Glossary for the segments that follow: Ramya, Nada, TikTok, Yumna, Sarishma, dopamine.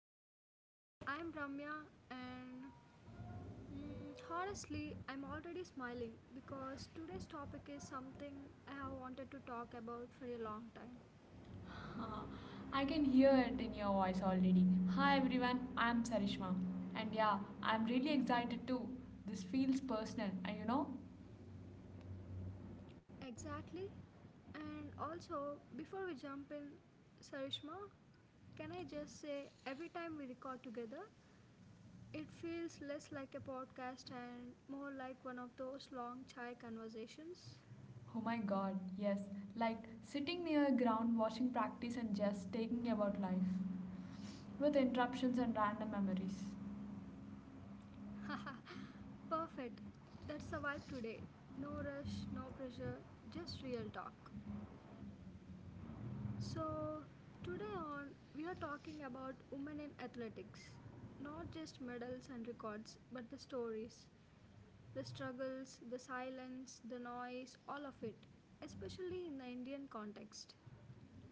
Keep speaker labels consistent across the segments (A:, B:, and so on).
A: welcome back. I'm Ramya, and honestly, I'm already smiling because today's topic is something I have wanted to talk about for a long time.
B: Uh, I can hear it in your voice already. Hi everyone, I'm Sarishma. And yeah, I'm really excited too. This feels personal, and you know?
A: Exactly. And also, before we jump in, Sarishma, can I just say every time we record together, it feels less like a podcast and more like one of those long chai conversations?
B: Oh my god, yes. Like sitting near ground watching practice and just taking about life with interruptions and random memories.
A: Perfect. That's the vibe today. No rush, no pressure, just real talk. So, today on, we are talking about women in athletics. Not just medals and records, but the stories, the struggles, the silence, the noise, all of it, especially in the Indian context.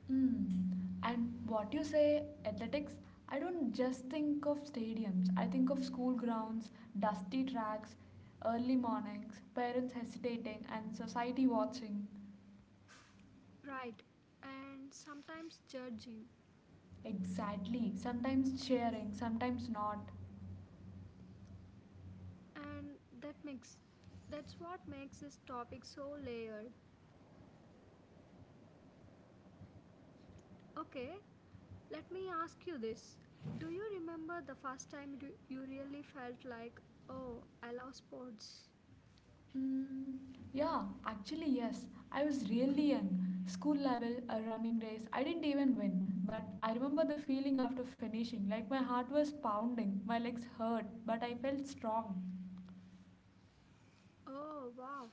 B: Mm. And what you say, athletics, I don't just think of stadiums. I think of school grounds, dusty tracks, early mornings, parents hesitating, and society watching.
A: Right, and sometimes judging.
B: Exactly. Sometimes sharing, sometimes not.
A: And that's what makes this topic so layered. Okay, let me ask you this. Do you remember the first time you really felt like, oh, I love sports?
B: Mm, yeah, actually, yes. I was really young. School level, a running race. I didn't even win. But I remember the feeling after finishing. Like my heart was pounding, my legs hurt, but I felt strong.
A: Oh, wow.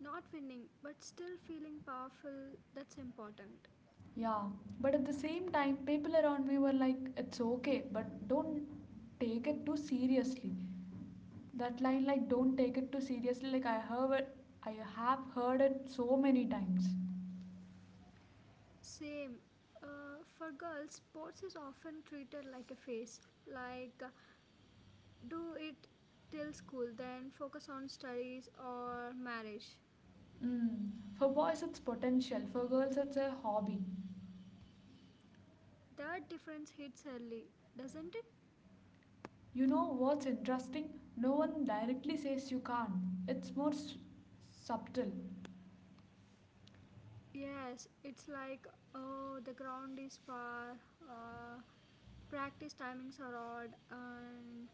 A: Not winning, but still feeling powerful, that's important.
B: Yeah, but at the same time, people around me were like, it's okay, but don't take it too seriously. That line, like, don't take it too seriously, like, I heard it, I have heard it so many times.
A: Same. For girls, sports is often treated like a phase, like do it till school, then focus on studies or marriage.
B: Mm. For boys, it's potential. For girls, it's a hobby.
A: That difference hits early, doesn't it?
B: You know what's interesting? No one directly says you can't. It's more subtle.
A: Yes, it's like, oh, the ground is far, uh, practice timings are odd, and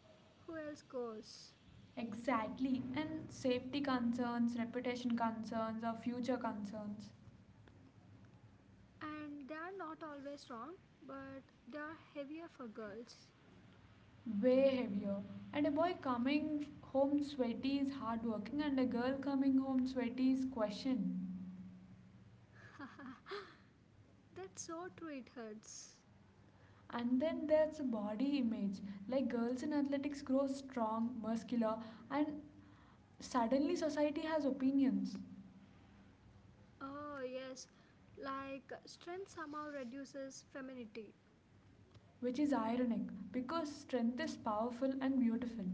A: who else goes,
B: Exactly. And safety concerns, reputation concerns, or future concerns.
A: and they are not always wrong, but they are heavier for girls.
B: Way heavier. And a boy coming home sweaty is hardworking, and a girl coming home sweaty is questioned.
A: That's so true it hurts.
B: And then there's body image. Like girls in athletics grow strong, muscular, and suddenly, society has opinions,
A: Oh, yes, like strength somehow reduces femininity.
B: which is ironic because strength is powerful and beautiful.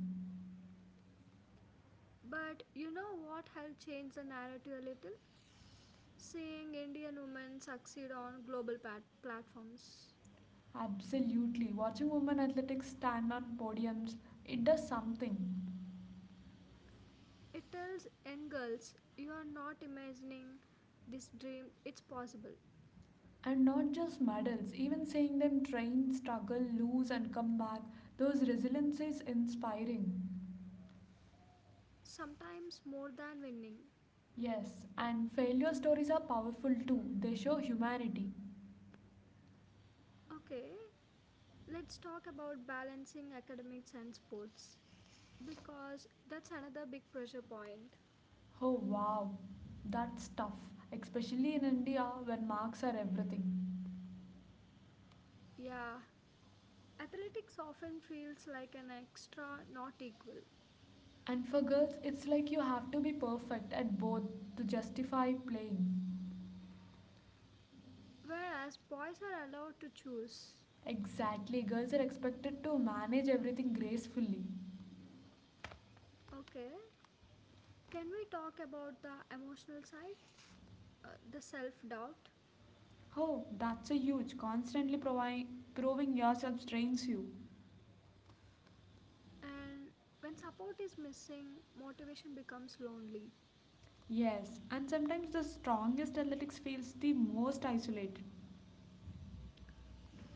A: But you know what helped change the narrative a little, seeing Indian women succeed on global platforms.
B: Absolutely, watching women athletics stand on podiums, it does something.
A: It tells young girls you are not imagining this dream, it's possible.
B: And not just medals, even seeing them train, struggle, lose, and come back, those resiliences inspiring.
A: Sometimes more than winning.
B: Yes, and failure stories are powerful too, they show humanity.
A: Okay, let's talk about balancing academics and sports because that's another big pressure point.
B: Oh wow, that's tough, especially in India when marks are everything.
A: Yeah, athletics often feels like an extra, not equal,
B: And for girls, it's like you have to be perfect at both to justify playing.
A: whereas boys are allowed to choose.
B: Exactly, girls are expected to manage everything gracefully.
A: Okay, can we talk about the emotional side, the self doubt?
B: Oh, that's a huge. Constantly proving yourself strains you.
A: And when support is missing, motivation becomes lonely.
B: Yes, and sometimes the strongest athletics feels the most isolated,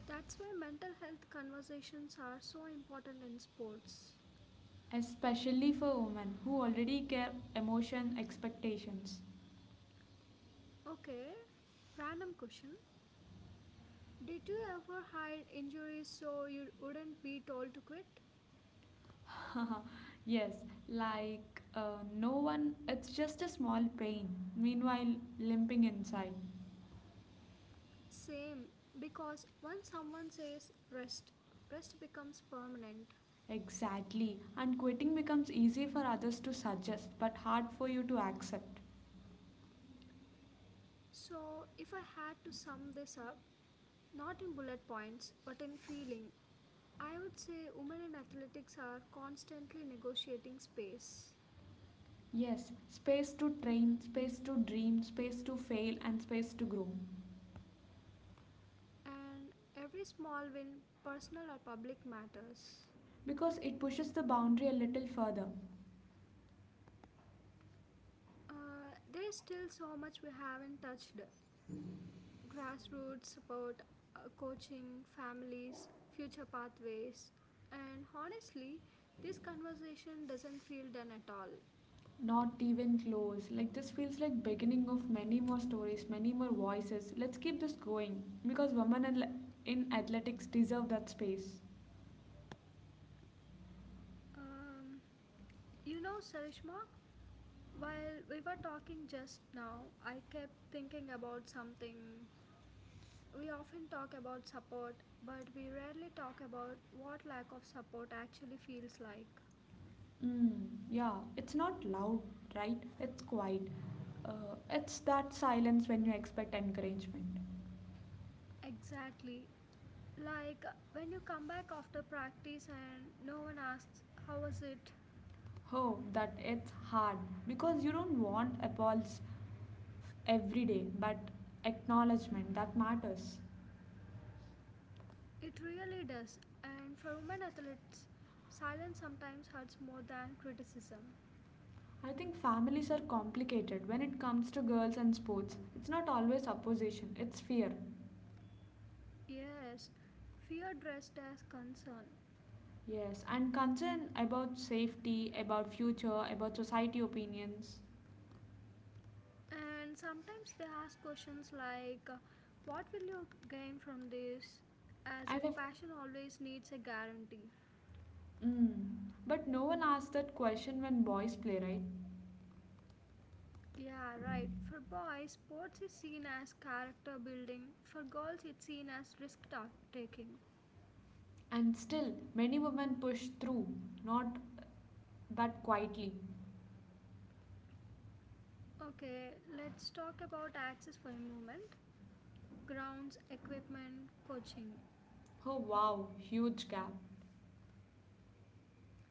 A: That's why mental health conversations are so important in sports.
B: especially for women who already care emotion expectations.
A: Okay, random question. Did you ever hide injuries so you wouldn't be told to quit?
B: Yes, like no one, it's just a small pain, meanwhile, limping inside.
A: Same, because once someone says rest, rest becomes permanent.
B: Exactly, and quitting becomes easy for others to suggest, but hard for you to accept.
A: So, if I had to sum this up, not in bullet points, but in feeling, I would say women in athletics are constantly negotiating space.
B: Yes, space to train, space to dream, space to fail, and space to grow.
A: And every small win, personal or public, matters.
B: Because it pushes the boundary a little further.
A: There is still so much we haven't touched, grassroots support, coaching, families, future pathways, and honestly, this conversation doesn't feel done at all.
B: Not even close. Like this feels like beginning of many more stories, many more voices. Let's keep this going because women in athletics deserve that space.
A: Um, you know, Sarishma, while we were talking just now, I kept thinking about something. We often talk about support, but we rarely talk about what lack of support actually feels like.
B: Yeah, it's not loud, right? It's quiet. It's that silence when you expect encouragement.
A: Exactly. Like when you come back after practice and no one asks, how was it?
B: Oh, that it's hard because you don't want applause every day, but acknowledgement that matters.
A: It really does. And for women athletes, silence sometimes hurts more than criticism.
B: I think families are complicated when it comes to girls and sports. It's not always opposition, it's fear.
A: Yes, fear dressed as concern.
B: Yes, and concern about safety, about future, about society opinions.
A: And sometimes they ask questions like, What will you gain from this? As
B: And
A: if
B: if.
A: passion always needs a guarantee.
B: Mm, but no one asks that question when boys play, right?
A: Yeah, right. For boys, sports is seen as character building, for girls, it's seen as risk taking.
B: And still, many women push through, not but quietly.
A: Okay, let's talk about access for a moment, grounds, equipment, coaching.
B: Oh wow, huge gap.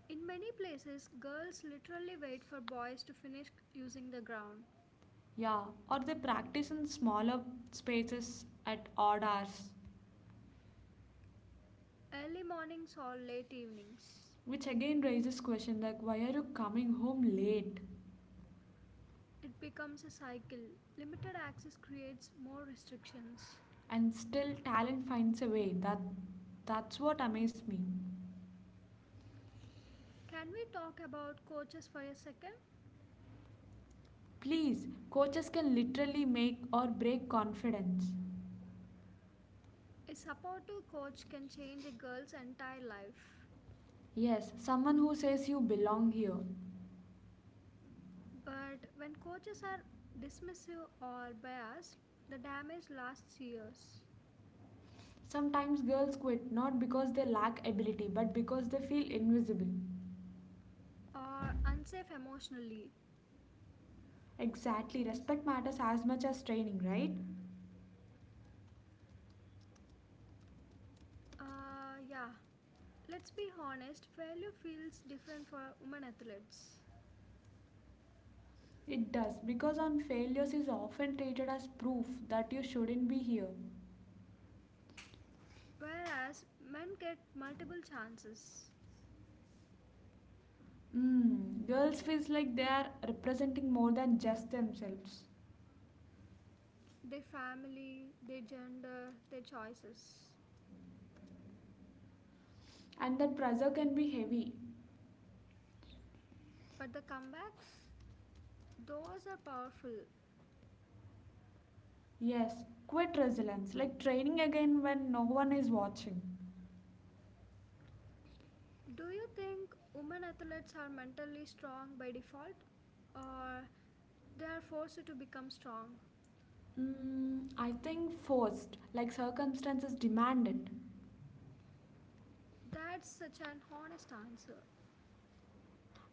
A: In many places, girls literally wait for boys to finish using the ground.
B: Yeah, or they practice in smaller spaces at odd hours.
A: Early mornings or late evenings.
B: Which again raises question like why are you coming home late?
A: It becomes a cycle. Limited access creates more restrictions.
B: And still talent finds a way. That's what amazes me.
A: Can we talk about coaches for a second?
B: Please, coaches can literally make or break confidence.
A: A supportive coach can change a girl's entire life.
B: Yes, someone who says you belong here.
A: But when coaches are dismissive or biased, the damage lasts years,
B: Sometimes girls quit not because they lack ability but because they feel invisible.
A: or unsafe emotionally.
B: Exactly, respect matters as much as training, right?
A: Yeah, let's be honest, failure feels different for women athletes,
B: It does because on failures is often treated as proof that you shouldn't be here.
A: whereas men get multiple chances.
B: Mm, girls feels like they are representing more than just themselves.
A: Their family, their gender, their choices.
B: And that pressure can be heavy.
A: But the comebacks, those are powerful.
B: Yes, quit resilience, like training again when no one is watching.
A: Do you think women athletes are mentally strong by default, or they are forced to become strong?
B: I think forced, like circumstances demand it.
A: That's such an honest answer.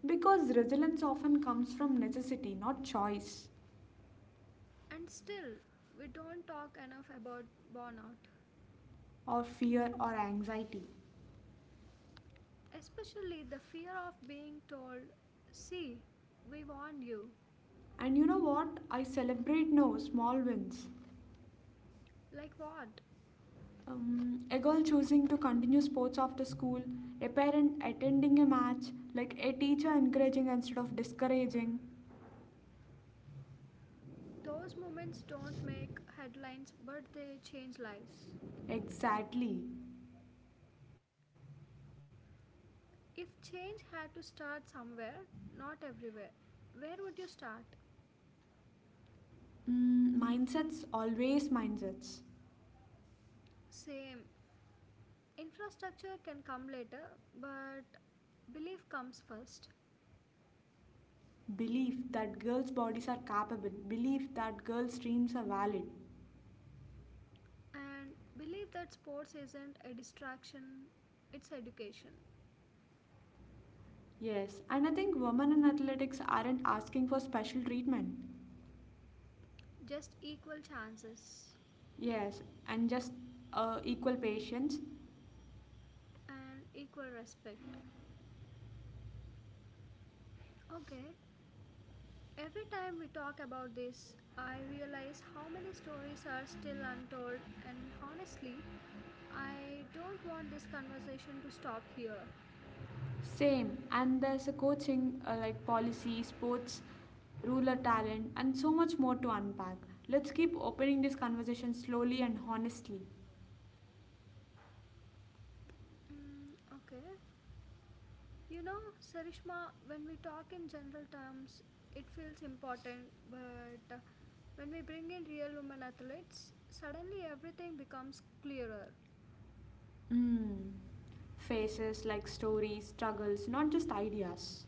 B: Because resilience often comes from necessity, not choice,
A: And still, we don't talk enough about burnout,
B: or fear, or anxiety.
A: especially the fear of being told, see, we warned you.
B: And you know what? I celebrate now small wins.
A: Like what?
B: A girl choosing to continue sports after school, a parent attending a match, like a teacher encouraging instead of discouraging.
A: Those moments don't make headlines, but they change lives.
B: Exactly.
A: If change had to start somewhere, not everywhere, where would you start?
B: Mindsets, always mindsets.
A: Same. Infrastructure can come later, but belief comes first.
B: Belief that girls' bodies are capable, belief that girls' dreams are valid.
A: And believe that sports isn't a distraction, it's education.
B: Yes, and I think women in athletics aren't asking for special treatment.
A: Just equal chances
B: Yes, and just equal patience.
A: and equal respect. Okay, every time we talk about this, I realize how many stories are still untold, and honestly, I don't want this conversation to stop here.
B: Same, and there's a coaching like policy, sports, ruler talent, and so much more to unpack. Let's keep opening this conversation slowly and honestly.
A: Mm, okay. You know, Sarishma, when we talk in general terms, it feels important, but when we bring in real women athletes, suddenly everything becomes clearer.
B: Mm. Faces like stories, struggles, not just ideas.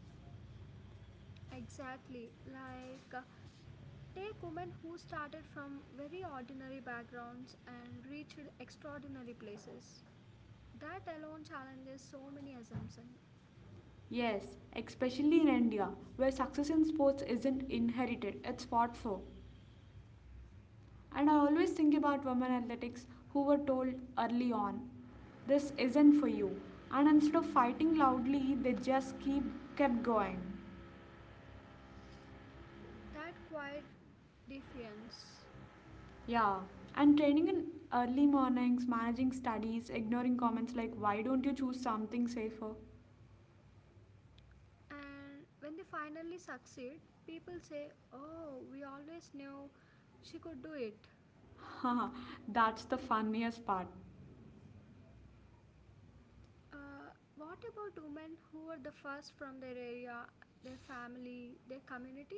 A: Exactly. Like, take women who started from very ordinary backgrounds and reached extraordinary places. That alone challenges so many assumptions.
B: Yes, especially in India, where success in sports isn't inherited, it's fought for. And I always think about women athletics who were told early on, this isn't for you. And instead of fighting loudly, they just keep kept going.
A: That quiet defiance.
B: Yeah. And training in early mornings, managing studies, ignoring comments like why don't you choose something safer?
A: And when they finally succeed, people say, oh, we always knew she could do it.
B: Haha, that's the funniest part.
A: What about women who were the first from their area, their family, their community?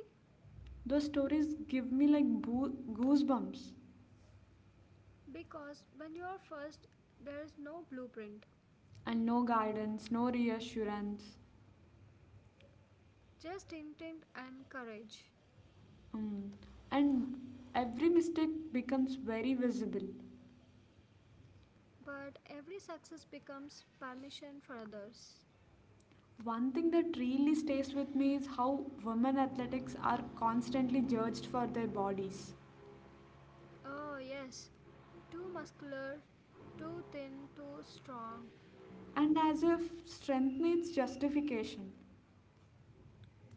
B: Those stories give me like goosebumps.
A: Because when you are first, there is no blueprint.
B: And no guidance, no reassurance.
A: Just intent and courage.
B: Mm. And every mistake becomes very visible.
A: But every success becomes permission for others.
B: One thing that really stays with me is how women athletics are constantly judged for their bodies.
A: Oh, yes, too muscular, too thin, too strong.
B: And as if strength needs justification,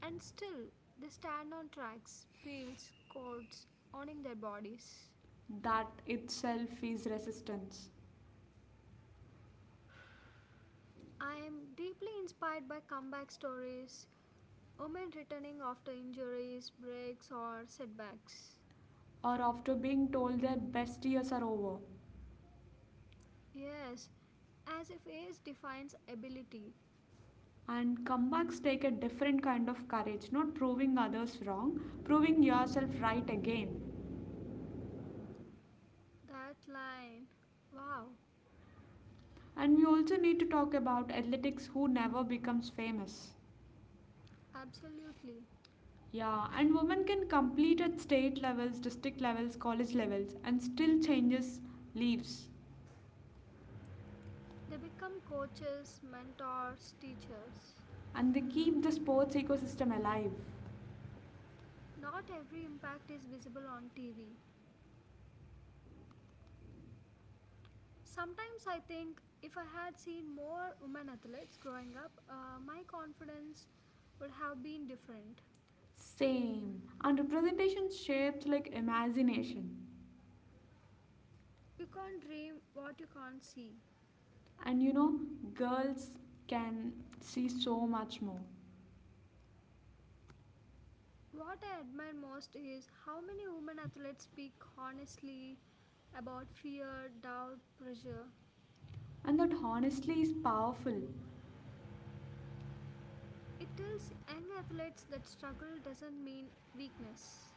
A: And still, they stand on tracks, fields, courts, owning their bodies.
B: that itself is resistance.
A: I am deeply inspired by comeback stories, women returning after injuries, breaks, or setbacks.
B: Or after being told their best years are over.
A: Yes, as if age defines ability.
B: And comebacks take a different kind of courage, not proving others wrong, proving yourself right again.
A: That line. Wow.
B: And we also need to talk about athletics who never becomes famous.
A: Absolutely.
B: Yeah, and women can compete at state levels, district levels, college levels, and still changes leaves.
A: They become coaches, mentors, teachers.
B: And they keep the sports ecosystem alive.
A: Not every impact is visible on TV. Sometimes I think if I had seen more women athletes growing up, my confidence would have been different.
B: Same. And representation shapes like imagination.
A: You can't dream what you can't see.
B: And you know, girls can see so much more.
A: What I admire most is how many women athletes speak honestly about fear, doubt, pressure.
B: And that honestly is powerful.
A: It tells young athletes that struggle doesn't mean weakness.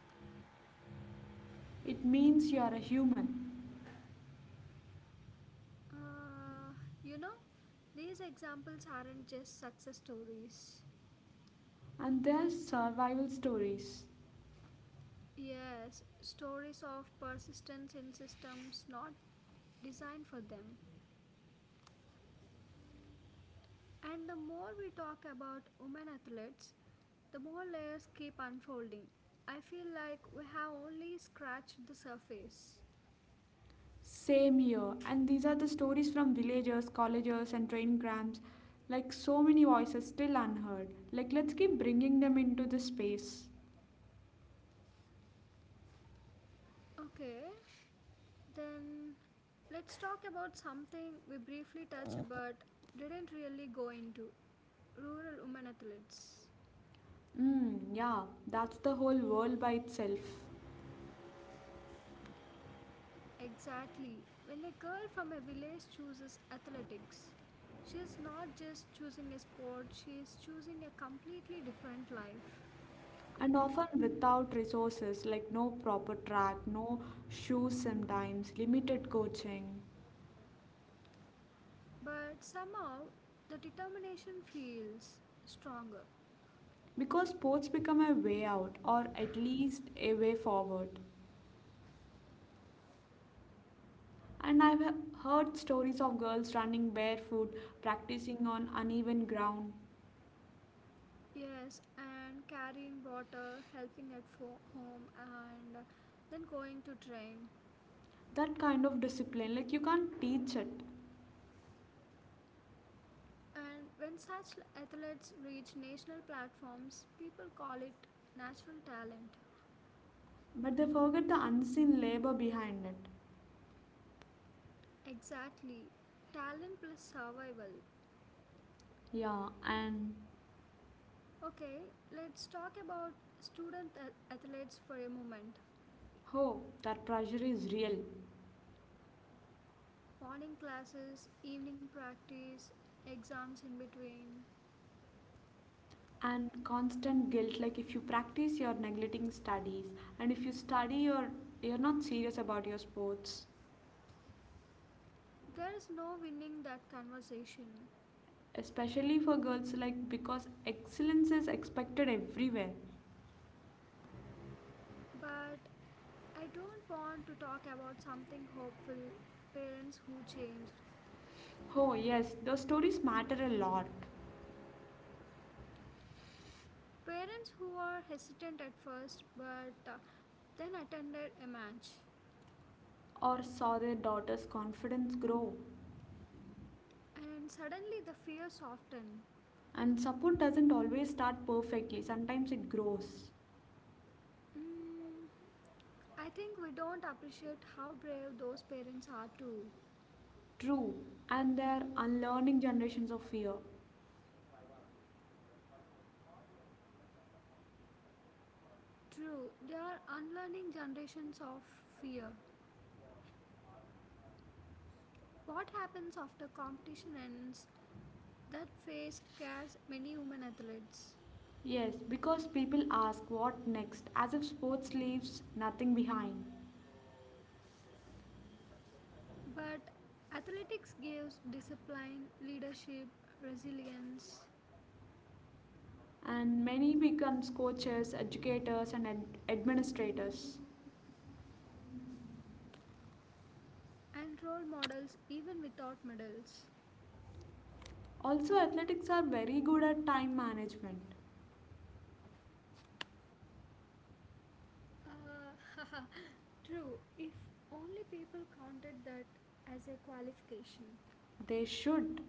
B: It means you are a human.
A: Uh, you know, these examples aren't just success stories.
B: And their survival stories.
A: Yes, stories of persistence in systems not designed for them. And the more we talk about women athletes, the more layers keep unfolding. I feel like we have only scratched the surface.
B: Same here. And these are the stories from villagers, colleges, and train camps. Like so many voices still unheard. Like let's keep bringing them into the space.
A: Okay, then let's talk about something we briefly touched but didn't really go into, rural women athletes.
B: Yeah, that's the whole world by itself.
A: Exactly. When a girl from a village chooses athletics, she is not just choosing a sport, she is choosing a completely different life.
B: And often without resources, like no proper track, no shoes sometimes, limited coaching.
A: But somehow, the determination feels stronger.
B: Because sports become a way out, or at least a way forward. And I've heard stories of girls running barefoot, practicing on uneven ground.
A: Yes, and carrying water, helping at home, and then going to train.
B: That kind of discipline, like you can't teach it.
A: And when such athletes reach national platforms, people call it natural talent.
B: But they forget the unseen labor behind it.
A: Exactly. Talent plus survival.
B: Yeah, and
A: Okay, let's talk about student athletes for a moment.
B: oh, that pressure is real.
A: Morning classes, evening practice, exams in between.
B: And constant guilt, like if you practice, you're neglecting studies. And if you study, you're not serious about your sports.
A: There is no winning that conversation.
B: Especially for girls, like because excellence is expected everywhere.
A: But I don't want to talk about something hopeful, parents who changed.
B: Oh, yes, those stories matter a lot.
A: Parents who are hesitant at first but then attended a match,
B: Or saw their daughter's confidence grow.
A: and suddenly the fear softened.
B: And support doesn't always start perfectly, sometimes it grows.
A: Mm, I think we don't appreciate how brave those parents are, too.
B: True, and they are unlearning generations of fear.
A: True, they are unlearning generations of fear. What happens after competition ends? That phase scares many women athletes.
B: Yes, because people ask what next, as if sports leaves nothing behind.
A: But athletics gives discipline, leadership, resilience,
B: And many becomes coaches, educators, and administrators.
A: and role models even without medals.
B: Also, athletics are very good at time management.
A: Uh, True, if only people counted that as a qualification.
B: They should.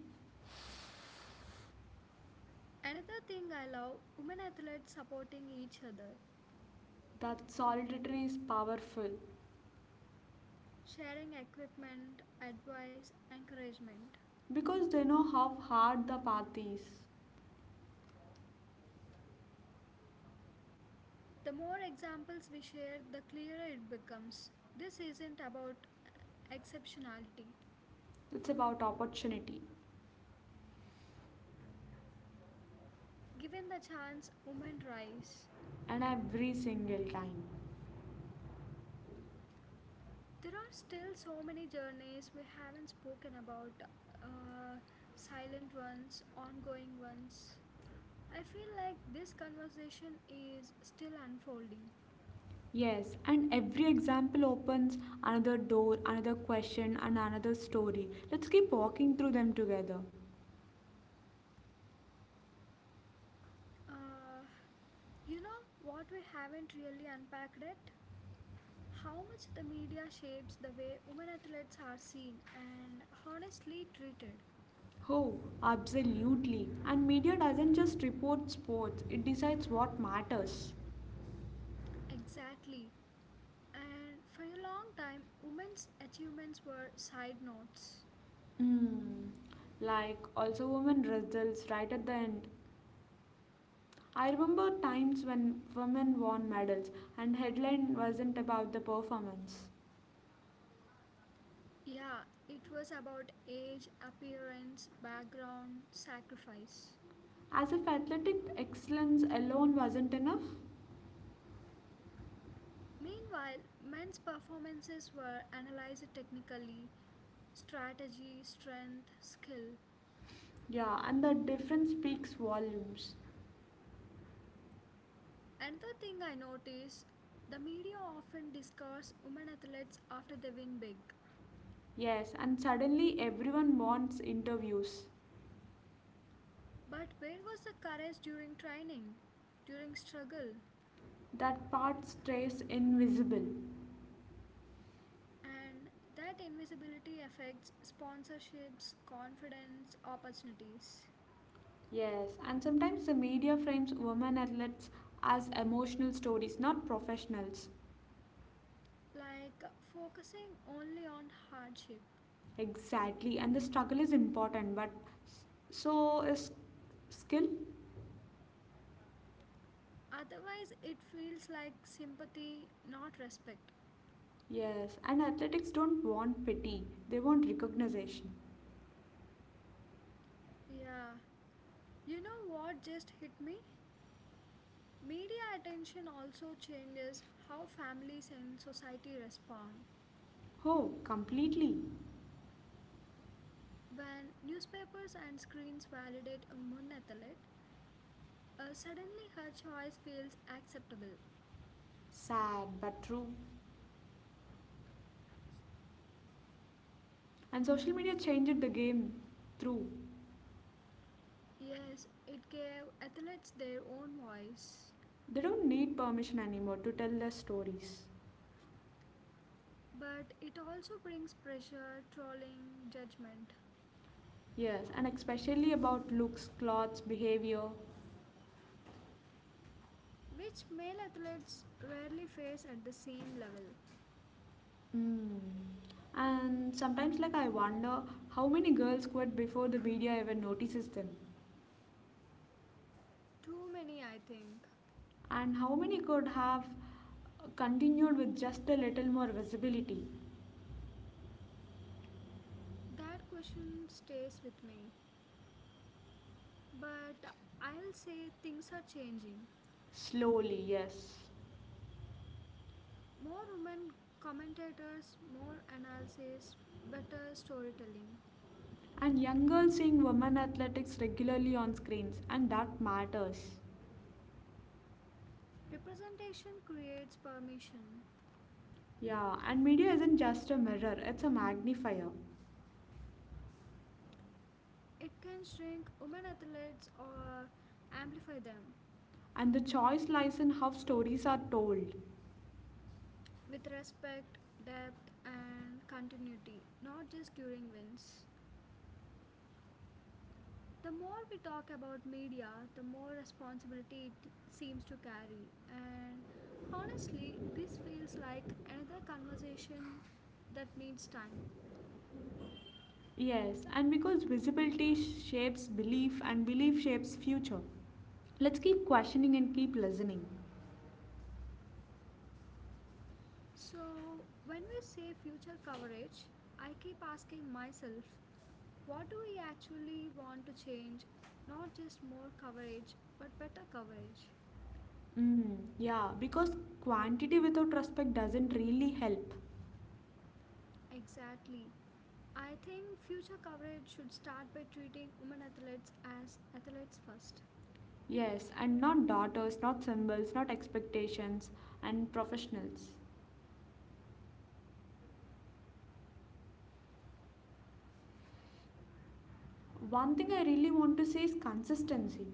A: Another thing I love, women athletes supporting each other,
B: That solidarity is powerful
A: sharing equipment, advice, encouragement.
B: because they know how hard the path is.
A: The more examples we share, the clearer it becomes. This isn't about exceptionality.
B: It's about opportunity
A: Given the chance, women rise.
B: and every single time.
A: There are still so many journeys we haven't spoken about, uh, silent ones, ongoing ones. I feel like this conversation is still unfolding.
B: Yes, and every example opens another door, another question, and another story. Let's keep walking through them together.
A: Uh, you know what we haven't really unpacked yet? How much the media shapes the way women athletes are seen and honestly treated.
B: Oh, absolutely. And media doesn't just report sports, it decides what matters.
A: Exactly. And for a long time, women's achievements were side notes.
B: Hmm. Like, also, women results right at the end. I remember times when women won medals and headline wasn't about the performance.
A: Yeah, it was about age, appearance, background, sacrifice.
B: As if athletic excellence alone wasn't enough.
A: Meanwhile, men's performances were analyzed technically, strategy, strength, skill.
B: Yeah, and the difference speaks volumes.
A: Another thing I notice, the media often discards women athletes after they win big.
B: Yes, and suddenly everyone wants interviews.
A: But where was the courage during training, during struggle?
B: That part stays invisible.
A: And that invisibility affects sponsorships, confidence, opportunities.
B: Yes, and sometimes the media frames women athletes as emotional stories, not professionals.
A: Like focusing only on hardship.
B: Exactly, and the struggle is important, but s- so is skill.
A: Otherwise, it feels like sympathy, not respect.
B: Yes, and athletics don't want pity, they want recognition.
A: Yeah. You know what just hit me? Media attention also changes how families and society respond.
B: Oh, completely.
A: When newspapers and screens validate a woman athlete, suddenly her choice feels acceptable.
B: Sad, but true. And social media changed the game through.
A: Yes, it gave athletes their own voice,
B: They don't need permission anymore to tell their stories.
A: but it also brings pressure, trolling, judgment,
B: Yes, and especially about looks, clothes, behavior.
A: which male athletes rarely face at the same level.
B: Mm. And sometimes, like, I wonder how many girls quit before the media ever notices them.
A: Too many, I think.
B: And how many could have continued with just a little more visibility?
A: That question stays with me. But I'll say things are changing.
B: Slowly, yes.
A: More women commentators, more analysis, better storytelling.
B: And young girls seeing women athletics regularly on screens, and that matters.
A: Representation creates permission.
B: Yeah, and media isn't just a mirror, it's a magnifier.
A: It can shrink women athletes or amplify them
B: And the choice lies in how stories are told.
A: with respect, depth, and continuity, not just during wins. The more we talk about media, the more responsibility it seems to carry. And honestly, this feels like another conversation that needs time.
B: Yes, and because visibility shapes belief and belief shapes future. Let's keep questioning and keep listening.
A: So, when we say future coverage, I keep asking myself, what do we actually want to change? Not just more coverage, but better coverage.
B: Yeah, because quantity without respect doesn't really help.
A: Exactly. I think future coverage should start by treating women athletes as athletes first.
B: Yes, and not daughters, not symbols, not expectations, and professionals. One thing I really want to say is consistency.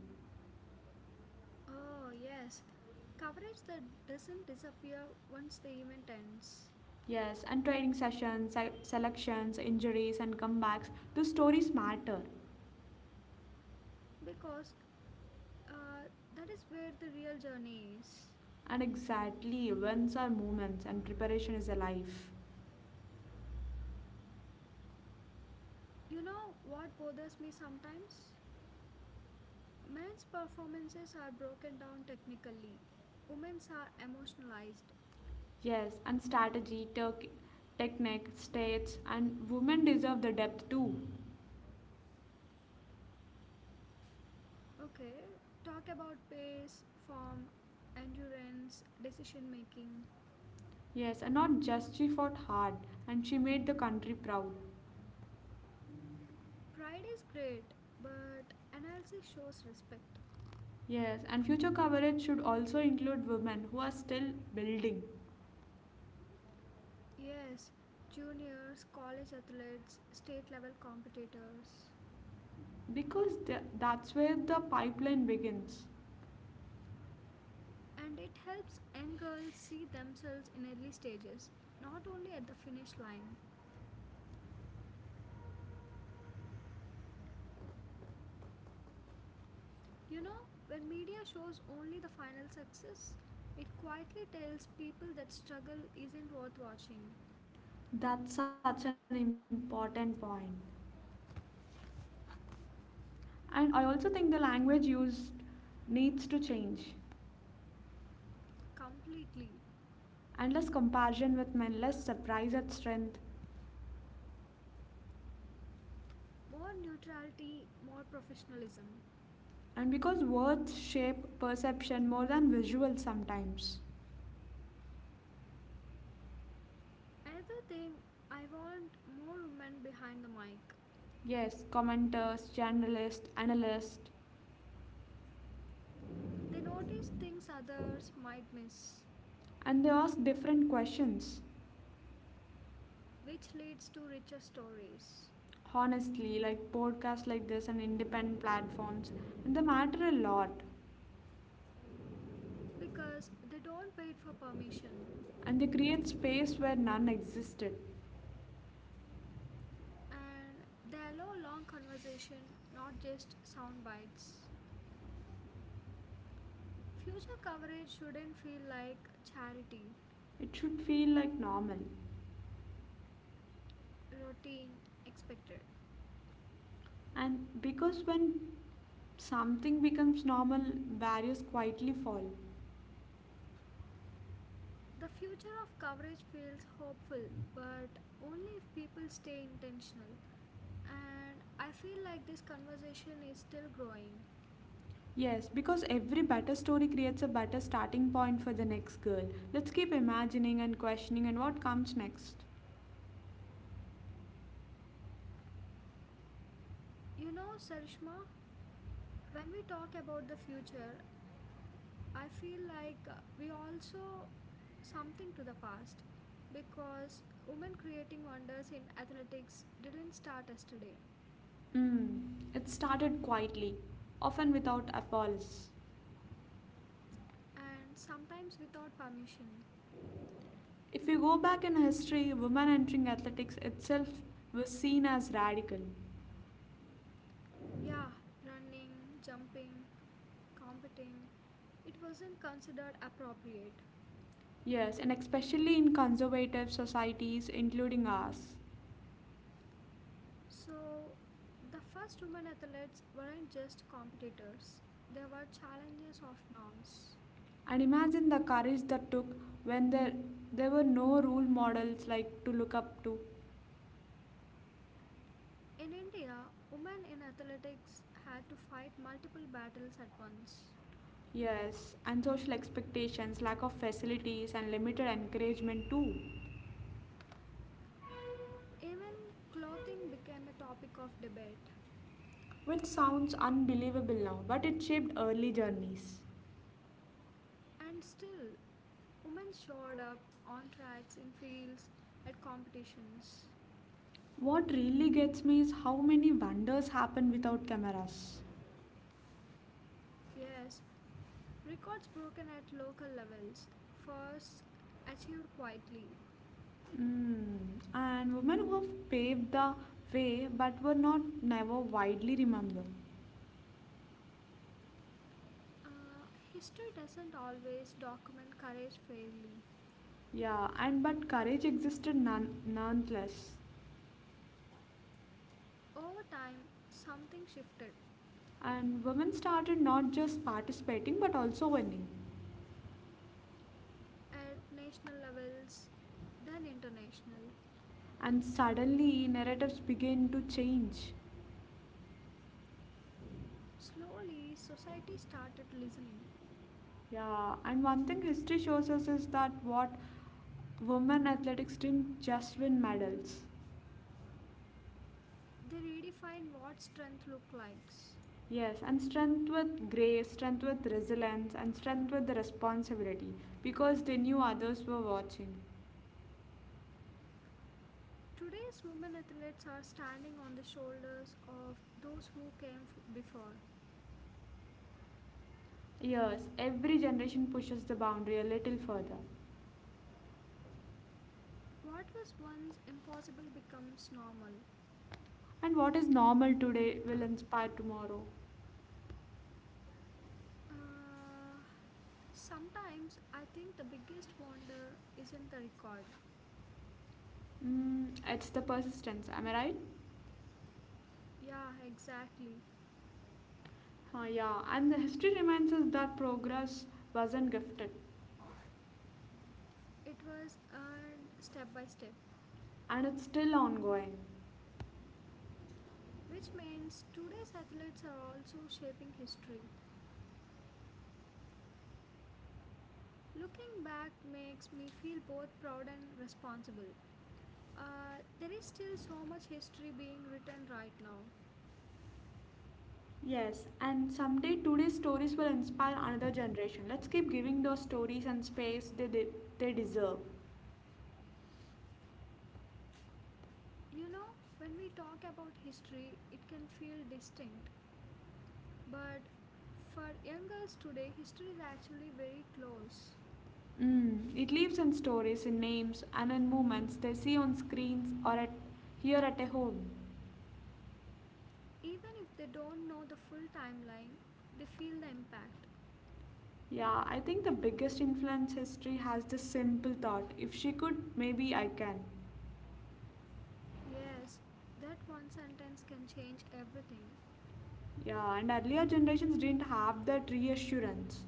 A: Oh, yes. Coverage that doesn't disappear once the event ends.
B: Yes, and training sessions, selections, injuries, and comebacks, those stories matter.
A: Because uh, that is where the real journey is.
B: And exactly, wins are moments, and preparation is alive.
A: You know what bothers me sometimes? Men's performances are broken down technically, women's are emotionalized.
B: Yes, and strategy, technique, states, and women deserve the depth too.
A: Okay, talk about pace, form, endurance, decision making.
B: Yes, and not just she fought hard and she made the country proud.
A: Pride is great, but analysis shows respect.
B: Yes, and future coverage should also include women who are still building
A: Yes, juniors, college athletes, state level competitors.
B: because that's where the pipeline begins.
A: And it helps young girls see themselves in early stages, not only at the finish line. You know, when media shows only the final success, it quietly tells people that struggle isn't worth watching.
B: That's such an important point. And I also think the language used needs to change
A: Completely.
B: and less comparison with men, less surprise at strength,
A: More neutrality, more professionalism.
B: and because words shape perception more than visuals sometimes.
A: Another thing, I want more women behind the mic.
B: Yes, commenters, journalists, analysts,
A: They notice things others might miss,
B: and they ask different questions.
A: which leads to richer stories
B: Honestly, like podcasts like this and independent platforms, and they matter a lot.
A: because they don't wait for permission
B: And they create space where none existed.
A: and they allow long conversation, not just sound bites. Future coverage shouldn't feel like charity,
B: It should feel like normal.
A: routine, expected.
B: And because when something becomes normal, barriers quietly fall.
A: The future of coverage feels hopeful, but only if people stay intentional. And I feel like this conversation is still growing.
B: Yes, because every better story creates a better starting point for the next girl. Let's keep imagining and questioning and what comes next.
A: You know, Sarishma, when we talk about the future I feel like we also something to the past because women creating wonders in athletics didn't start yesterday
B: Mm, it started quietly, often without appalls.
A: and sometimes without permission.
B: If you go back in history, women entering athletics itself was seen as radical.
A: Yeah, running, jumping, competing, it wasn't considered appropriate.
B: Yes, and especially in conservative societies, including ours.
A: So, the first women athletes weren't just competitors, they were challenges of norms.
B: And imagine the courage that took when there were no role models like to look up to.
A: In India, women in athletics had to fight multiple battles at once.
B: Yes, and social expectations, lack of facilities, and limited encouragement too.
A: Even clothing became a topic of debate.
B: Which sounds unbelievable now, but it shaped early journeys.
A: And still, women showed up on tracks, in fields, at competitions.
B: What really gets me is how many wonders happen without cameras.
A: Yes, records broken at local levels, first achieved quietly.
B: Mm. And women who have paved the way but were not never widely remembered.
A: Uh, History doesn't always document courage fairly.
B: Yeah, and but courage existed none, nonetheless.
A: Over time, something shifted.
B: And women started not just participating but also winning.
A: At national levels, then international.
B: And suddenly narratives begin to change.
A: Slowly, society started listening.
B: Yeah, and one thing history shows us is that what women athletics didn't just win medals.
A: They redefined what strength looked like.
B: Yes, and strength with grace, strength with resilience, and strength with the responsibility because they knew others were watching.
A: Today's women athletes are standing on the shoulders of those who came before.
B: Yes, every generation pushes the boundary a little further.
A: What was once impossible becomes normal.
B: And what is normal today will inspire tomorrow.
A: Uh, Sometimes I think the biggest wonder isn't the record.
B: Mm, it's the persistence, am I right?
A: Yeah, exactly.
B: Yeah, and the history reminds us that progress wasn't gifted
A: It was earned step by step,
B: and it's still ongoing.
A: which means today's athletes are also shaping history. Looking back makes me feel both proud and responsible. There is still so much history being written right now.
B: Yes, and someday today's stories will inspire another generation. Let's keep giving those stories and space they deserve.
A: You know, when we talk about history, it can feel distinct, but for young girls today, history is actually very close.
B: Mm, it lives in stories, in names, and in moments they see on screens or at here at a home.
A: Even if they don't know the full timeline, they feel the impact.
B: Yeah, I think the biggest influence history has this simple thought if she could, maybe I can.
A: Yes, that one sentence can change everything.
B: Yeah, and earlier generations didn't have that reassurance.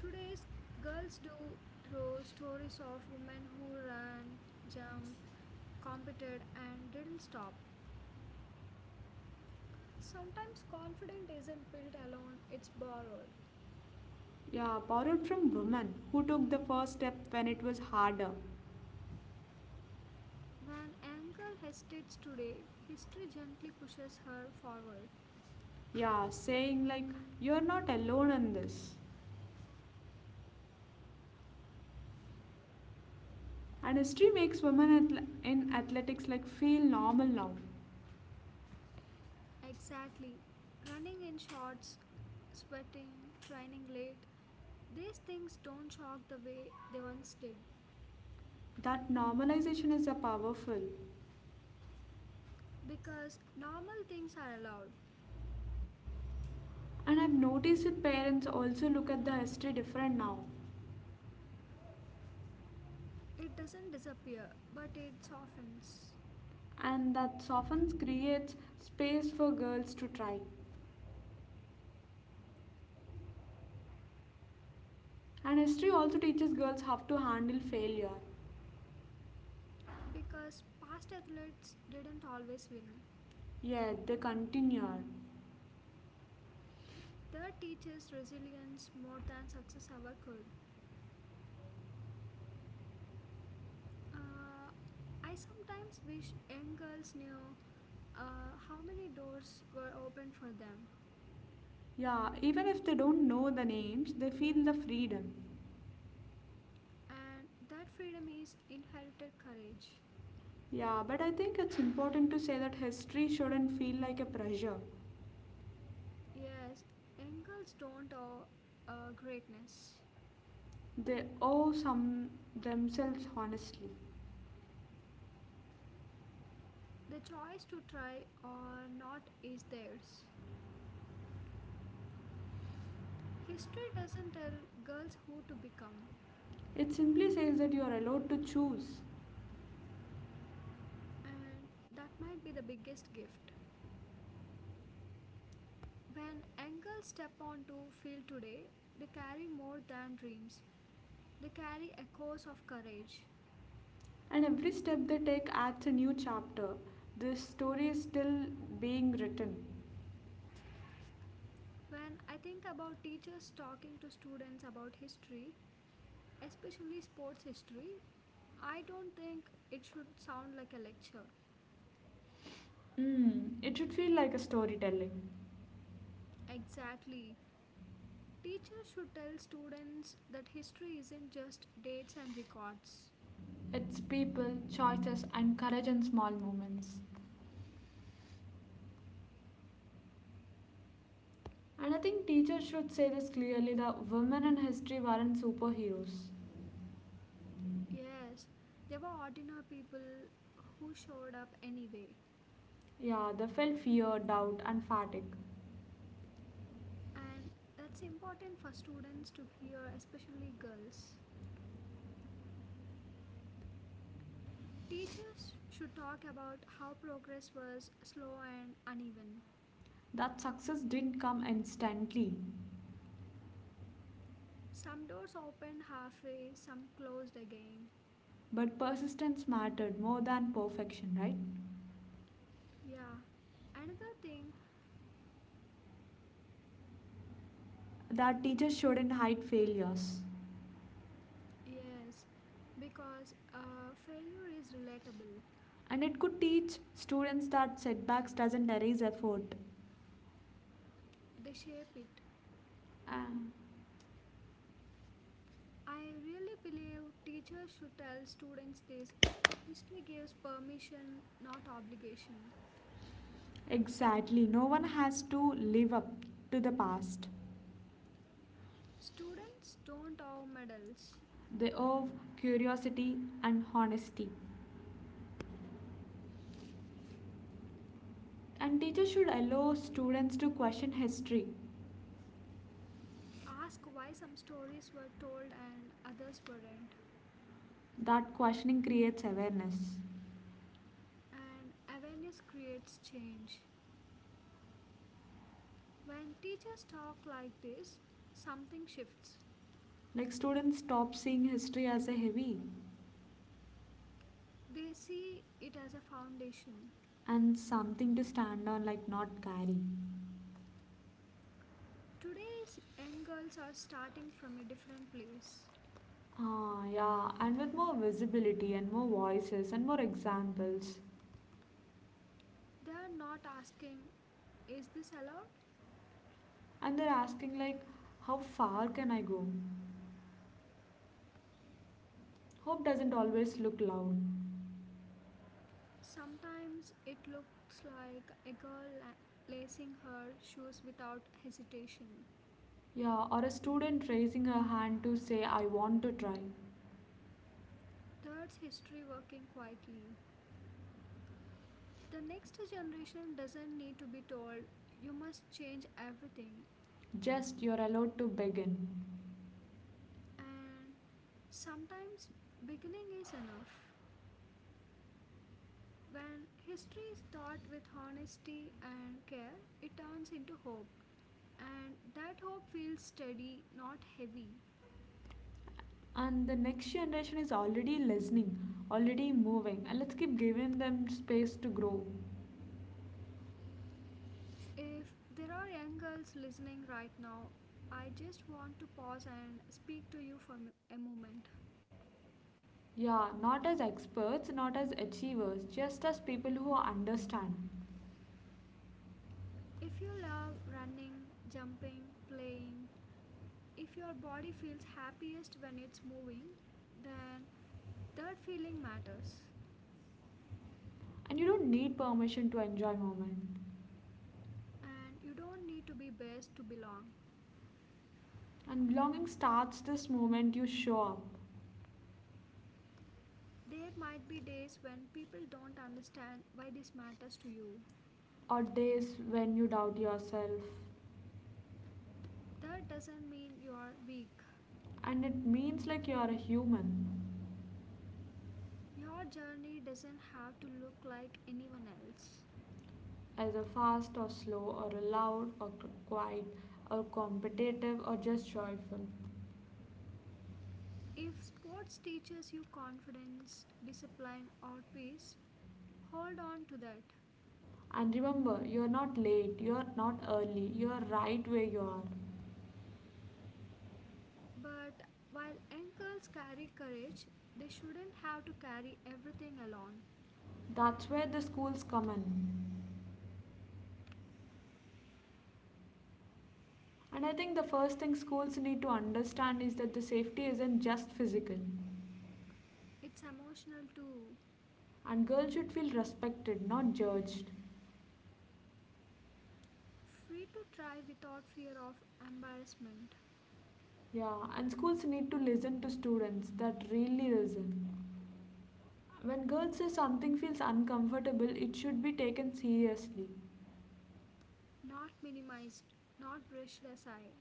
A: Today's girls do, through stories of women who ran, jumped, competed, and didn't stop. Sometimes confidence isn't built alone, it's borrowed.
B: Yeah, borrowed from women who took the first step when it was harder.
A: When a girl hesitates today, history gently pushes her forward.
B: Yeah, saying like you're not alone in this. And history makes women athle- in athletics like feel normal now.
A: Exactly. Running in shorts, sweating, training late, these things don't shock the way they once did,
B: That normalization is a powerful.
A: because normal things are allowed.
B: And I've noticed that parents also look at the history different now.
A: It doesn't disappear, but it softens,
B: And that often creates space for girls to try. And history also teaches girls how to handle failure.
A: because past athletes didn't always win.
B: Yet they continue.
A: That teaches resilience more than success ever could. Uh, I sometimes wish young girls knew how many doors were open for them,
B: Yeah, even if they don't know the names, they feel the freedom.
A: and that freedom is inherited courage.
B: Yeah, but I think it's important to say that history shouldn't feel like a pressure.
A: Yes, young girls don't owe greatness.
B: They owe some themselves honestly.
A: The choice to try or not is theirs. History doesn't tell girls who to become,
B: It simply says that you are allowed to choose.
A: and that might be the biggest gift. When young girls step onto field today, they carry more than dreams. They carry echoes of courage.
B: And every step they take adds a new chapter. This story is still being written.
A: When I think about teachers talking to students about history, especially sports history, I don't think it should sound like a lecture.
B: Mm, it should feel like a storytelling.
A: Exactly. Teachers should tell students that history isn't just dates and records.
B: It's people, choices, and courage in small moments. And I think teachers should say this clearly that women in history weren't superheroes.
A: Yes, they were ordinary people who showed up anyway.
B: Yeah, they felt fear, doubt, and fatigue.
A: And that's important for students to hear, especially girls. Teachers should talk about how progress was slow and uneven.
B: That success didn't come instantly,
A: Some doors opened halfway, some closed again.
B: but persistence mattered more than perfection, right?
A: Yeah. Another thing,
B: That teachers shouldn't hide failures.
A: yes, because failure is relatable,
B: And it could teach students that setbacks doesn't erase effort.
A: they shape it.
B: Uh,
A: I really believe teachers should tell students this. History gives permission, not obligation.
B: exactly, no one has to live up to the past.
A: Students don't owe medals.
B: They owe curiosity and honesty. And teachers should allow students to question history.
A: Ask why some stories were told and others weren't.
B: That questioning creates awareness.
A: And awareness creates change. When teachers talk like this, something shifts.
B: Like students stop seeing history as a heavy
A: They see it as a foundation.
B: and something to stand on, like not carry.
A: Today's young girls are starting from a different place.
B: Ah, yeah, and with more visibility and more voices and more examples.
A: They are not asking, is this allowed?
B: And they're asking, like, how far can I go? Hope doesn't always look loud.
A: Sometimes it looks like a girl lacing her shoes without hesitation.
B: Yeah, or a student raising her hand to say, I want to try.
A: That's history working quietly. The next generation doesn't need to be told, you must change everything,
B: Just you're allowed to begin.
A: and sometimes beginning is enough. When history is taught with honesty and care, it turns into hope, and that hope feels steady, not heavy.
B: And the next generation is already listening, already moving, and let's keep giving them space to grow.
A: If there are young girls listening right now, I just want to pause and speak to you for a moment.
B: Yeah, not as experts, not as achievers, just as people who understand.
A: If you love running, jumping, playing, if your body feels happiest when it's moving, then that feeling matters.
B: And you don't need permission to enjoy moment.
A: And you don't need to be best to belong.
B: And belonging starts this moment you show up,
A: There might be days when people don't understand why this matters to you.
B: or days when you doubt yourself.
A: That doesn't mean you're weak.
B: And it means like you are a human,
A: Your journey doesn't have to look like anyone else.
B: as a fast or slow, or a loud or quiet, or competitive or just joyful.
A: If sports teaches you confidence, discipline, or peace, hold on to that.
B: And remember, you are not late, you are not early, you are right where you are.
A: But while young girls carry courage, they shouldn't have to carry everything alone.
B: That's where the schools come in. And I think the first thing schools need to understand is that the safety isn't just physical.
A: It's emotional too.
B: And girls should feel respected, not judged.
A: Free to try without fear of embarrassment,
B: Yeah, and schools need to listen to students that really listen. When girls say something feels uncomfortable, it should be taken seriously.
A: not minimized, not brushed aside.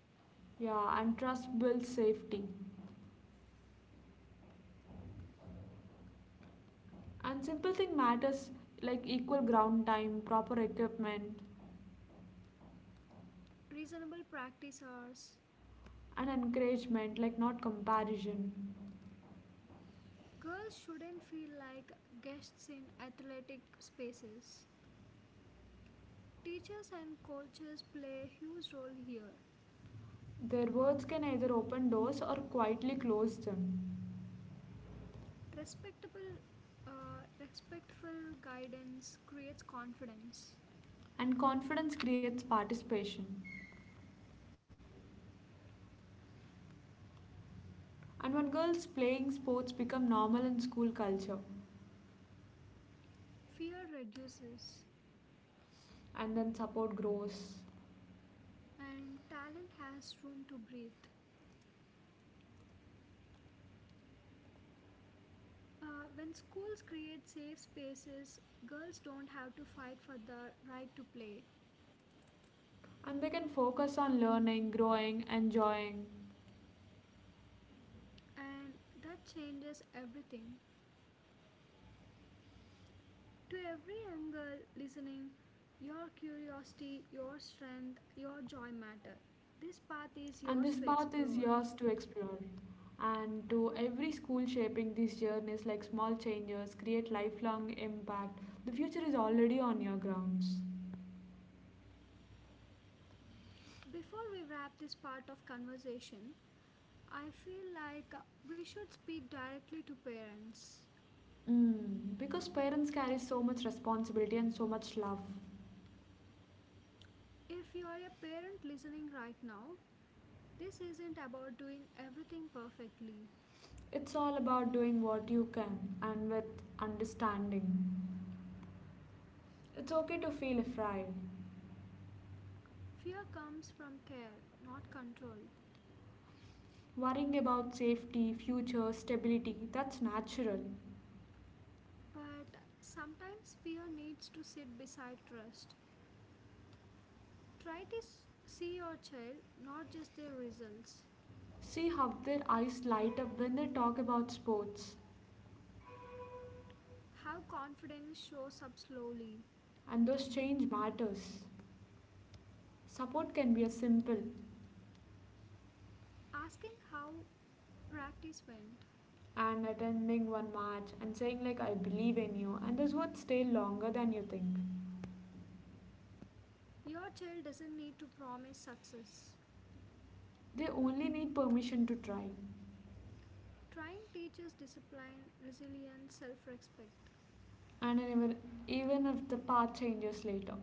B: Yeah, and trust builds safety. And simple thing matters like equal ground time, proper equipment,
A: Reasonable practice hours.
B: and encouragement, like not comparison.
A: Girls shouldn't feel like guests in athletic spaces. Teachers and coaches play a huge role here.
B: Their words can either open doors or quietly close them.
A: Respectable, respectful guidance creates confidence,
B: And confidence creates participation. And when girls playing sports become normal in school culture,
A: fear reduces,
B: and then support grows.
A: and talent has room to breathe. When schools create safe spaces, girls don't have to fight for the right to play,
B: And they can focus on learning, growing, enjoying.
A: and that changes everything. To every young girl listening, your curiosity, your strength, your joy matter. This path is
B: And
A: yours
B: this
A: to
B: path is
A: explore.
B: yours to explore. And to every school shaping these journeys like small changes create lifelong impact. The future is already on your grounds.
A: Before we wrap this part of conversation, I feel like we should speak directly to parents.
B: Mm, because parents carry so much responsibility and so much love.
A: If you are a parent listening right now, this isn't about doing everything perfectly.
B: It's all about doing what you can and with understanding. It's okay to feel afraid.
A: Fear comes from care, not control.
B: Worrying about safety, future, stability, that's natural.
A: But sometimes fear needs to sit beside trust. Try to see your child, not just their results.
B: See how their eyes light up when they talk about sports.
A: Have confidence shows up slowly.
B: And those change matters. Support can be as simple
A: Asking how practice went.
B: and attending one match and saying like I believe in you and those words stay longer than you think.
A: Your child doesn't need to promise success.
B: They only need permission to try,
A: Trying teaches discipline, resilience, self respect.
B: and even if the path changes later.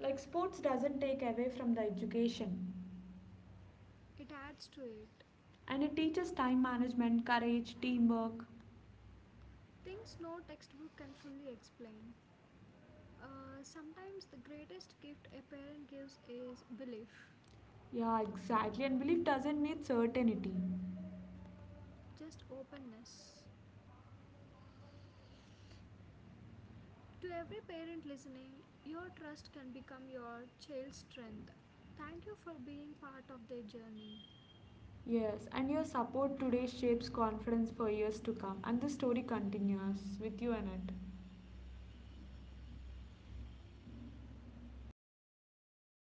B: Like, sports doesn't take away from the education,
A: It adds to it.
B: and it teaches time management, courage, teamwork.
A: Things no textbook can fully explain. Sometimes the greatest gift a parent gives is belief,
B: Yeah, exactly. And belief doesn't need certainty.
A: just openness. To every parent listening, your trust can become your child's strength. Thank you for being part of their journey.
B: Yes, and your support today shapes confidence for years to come. And the story continues with you, Anant. Thank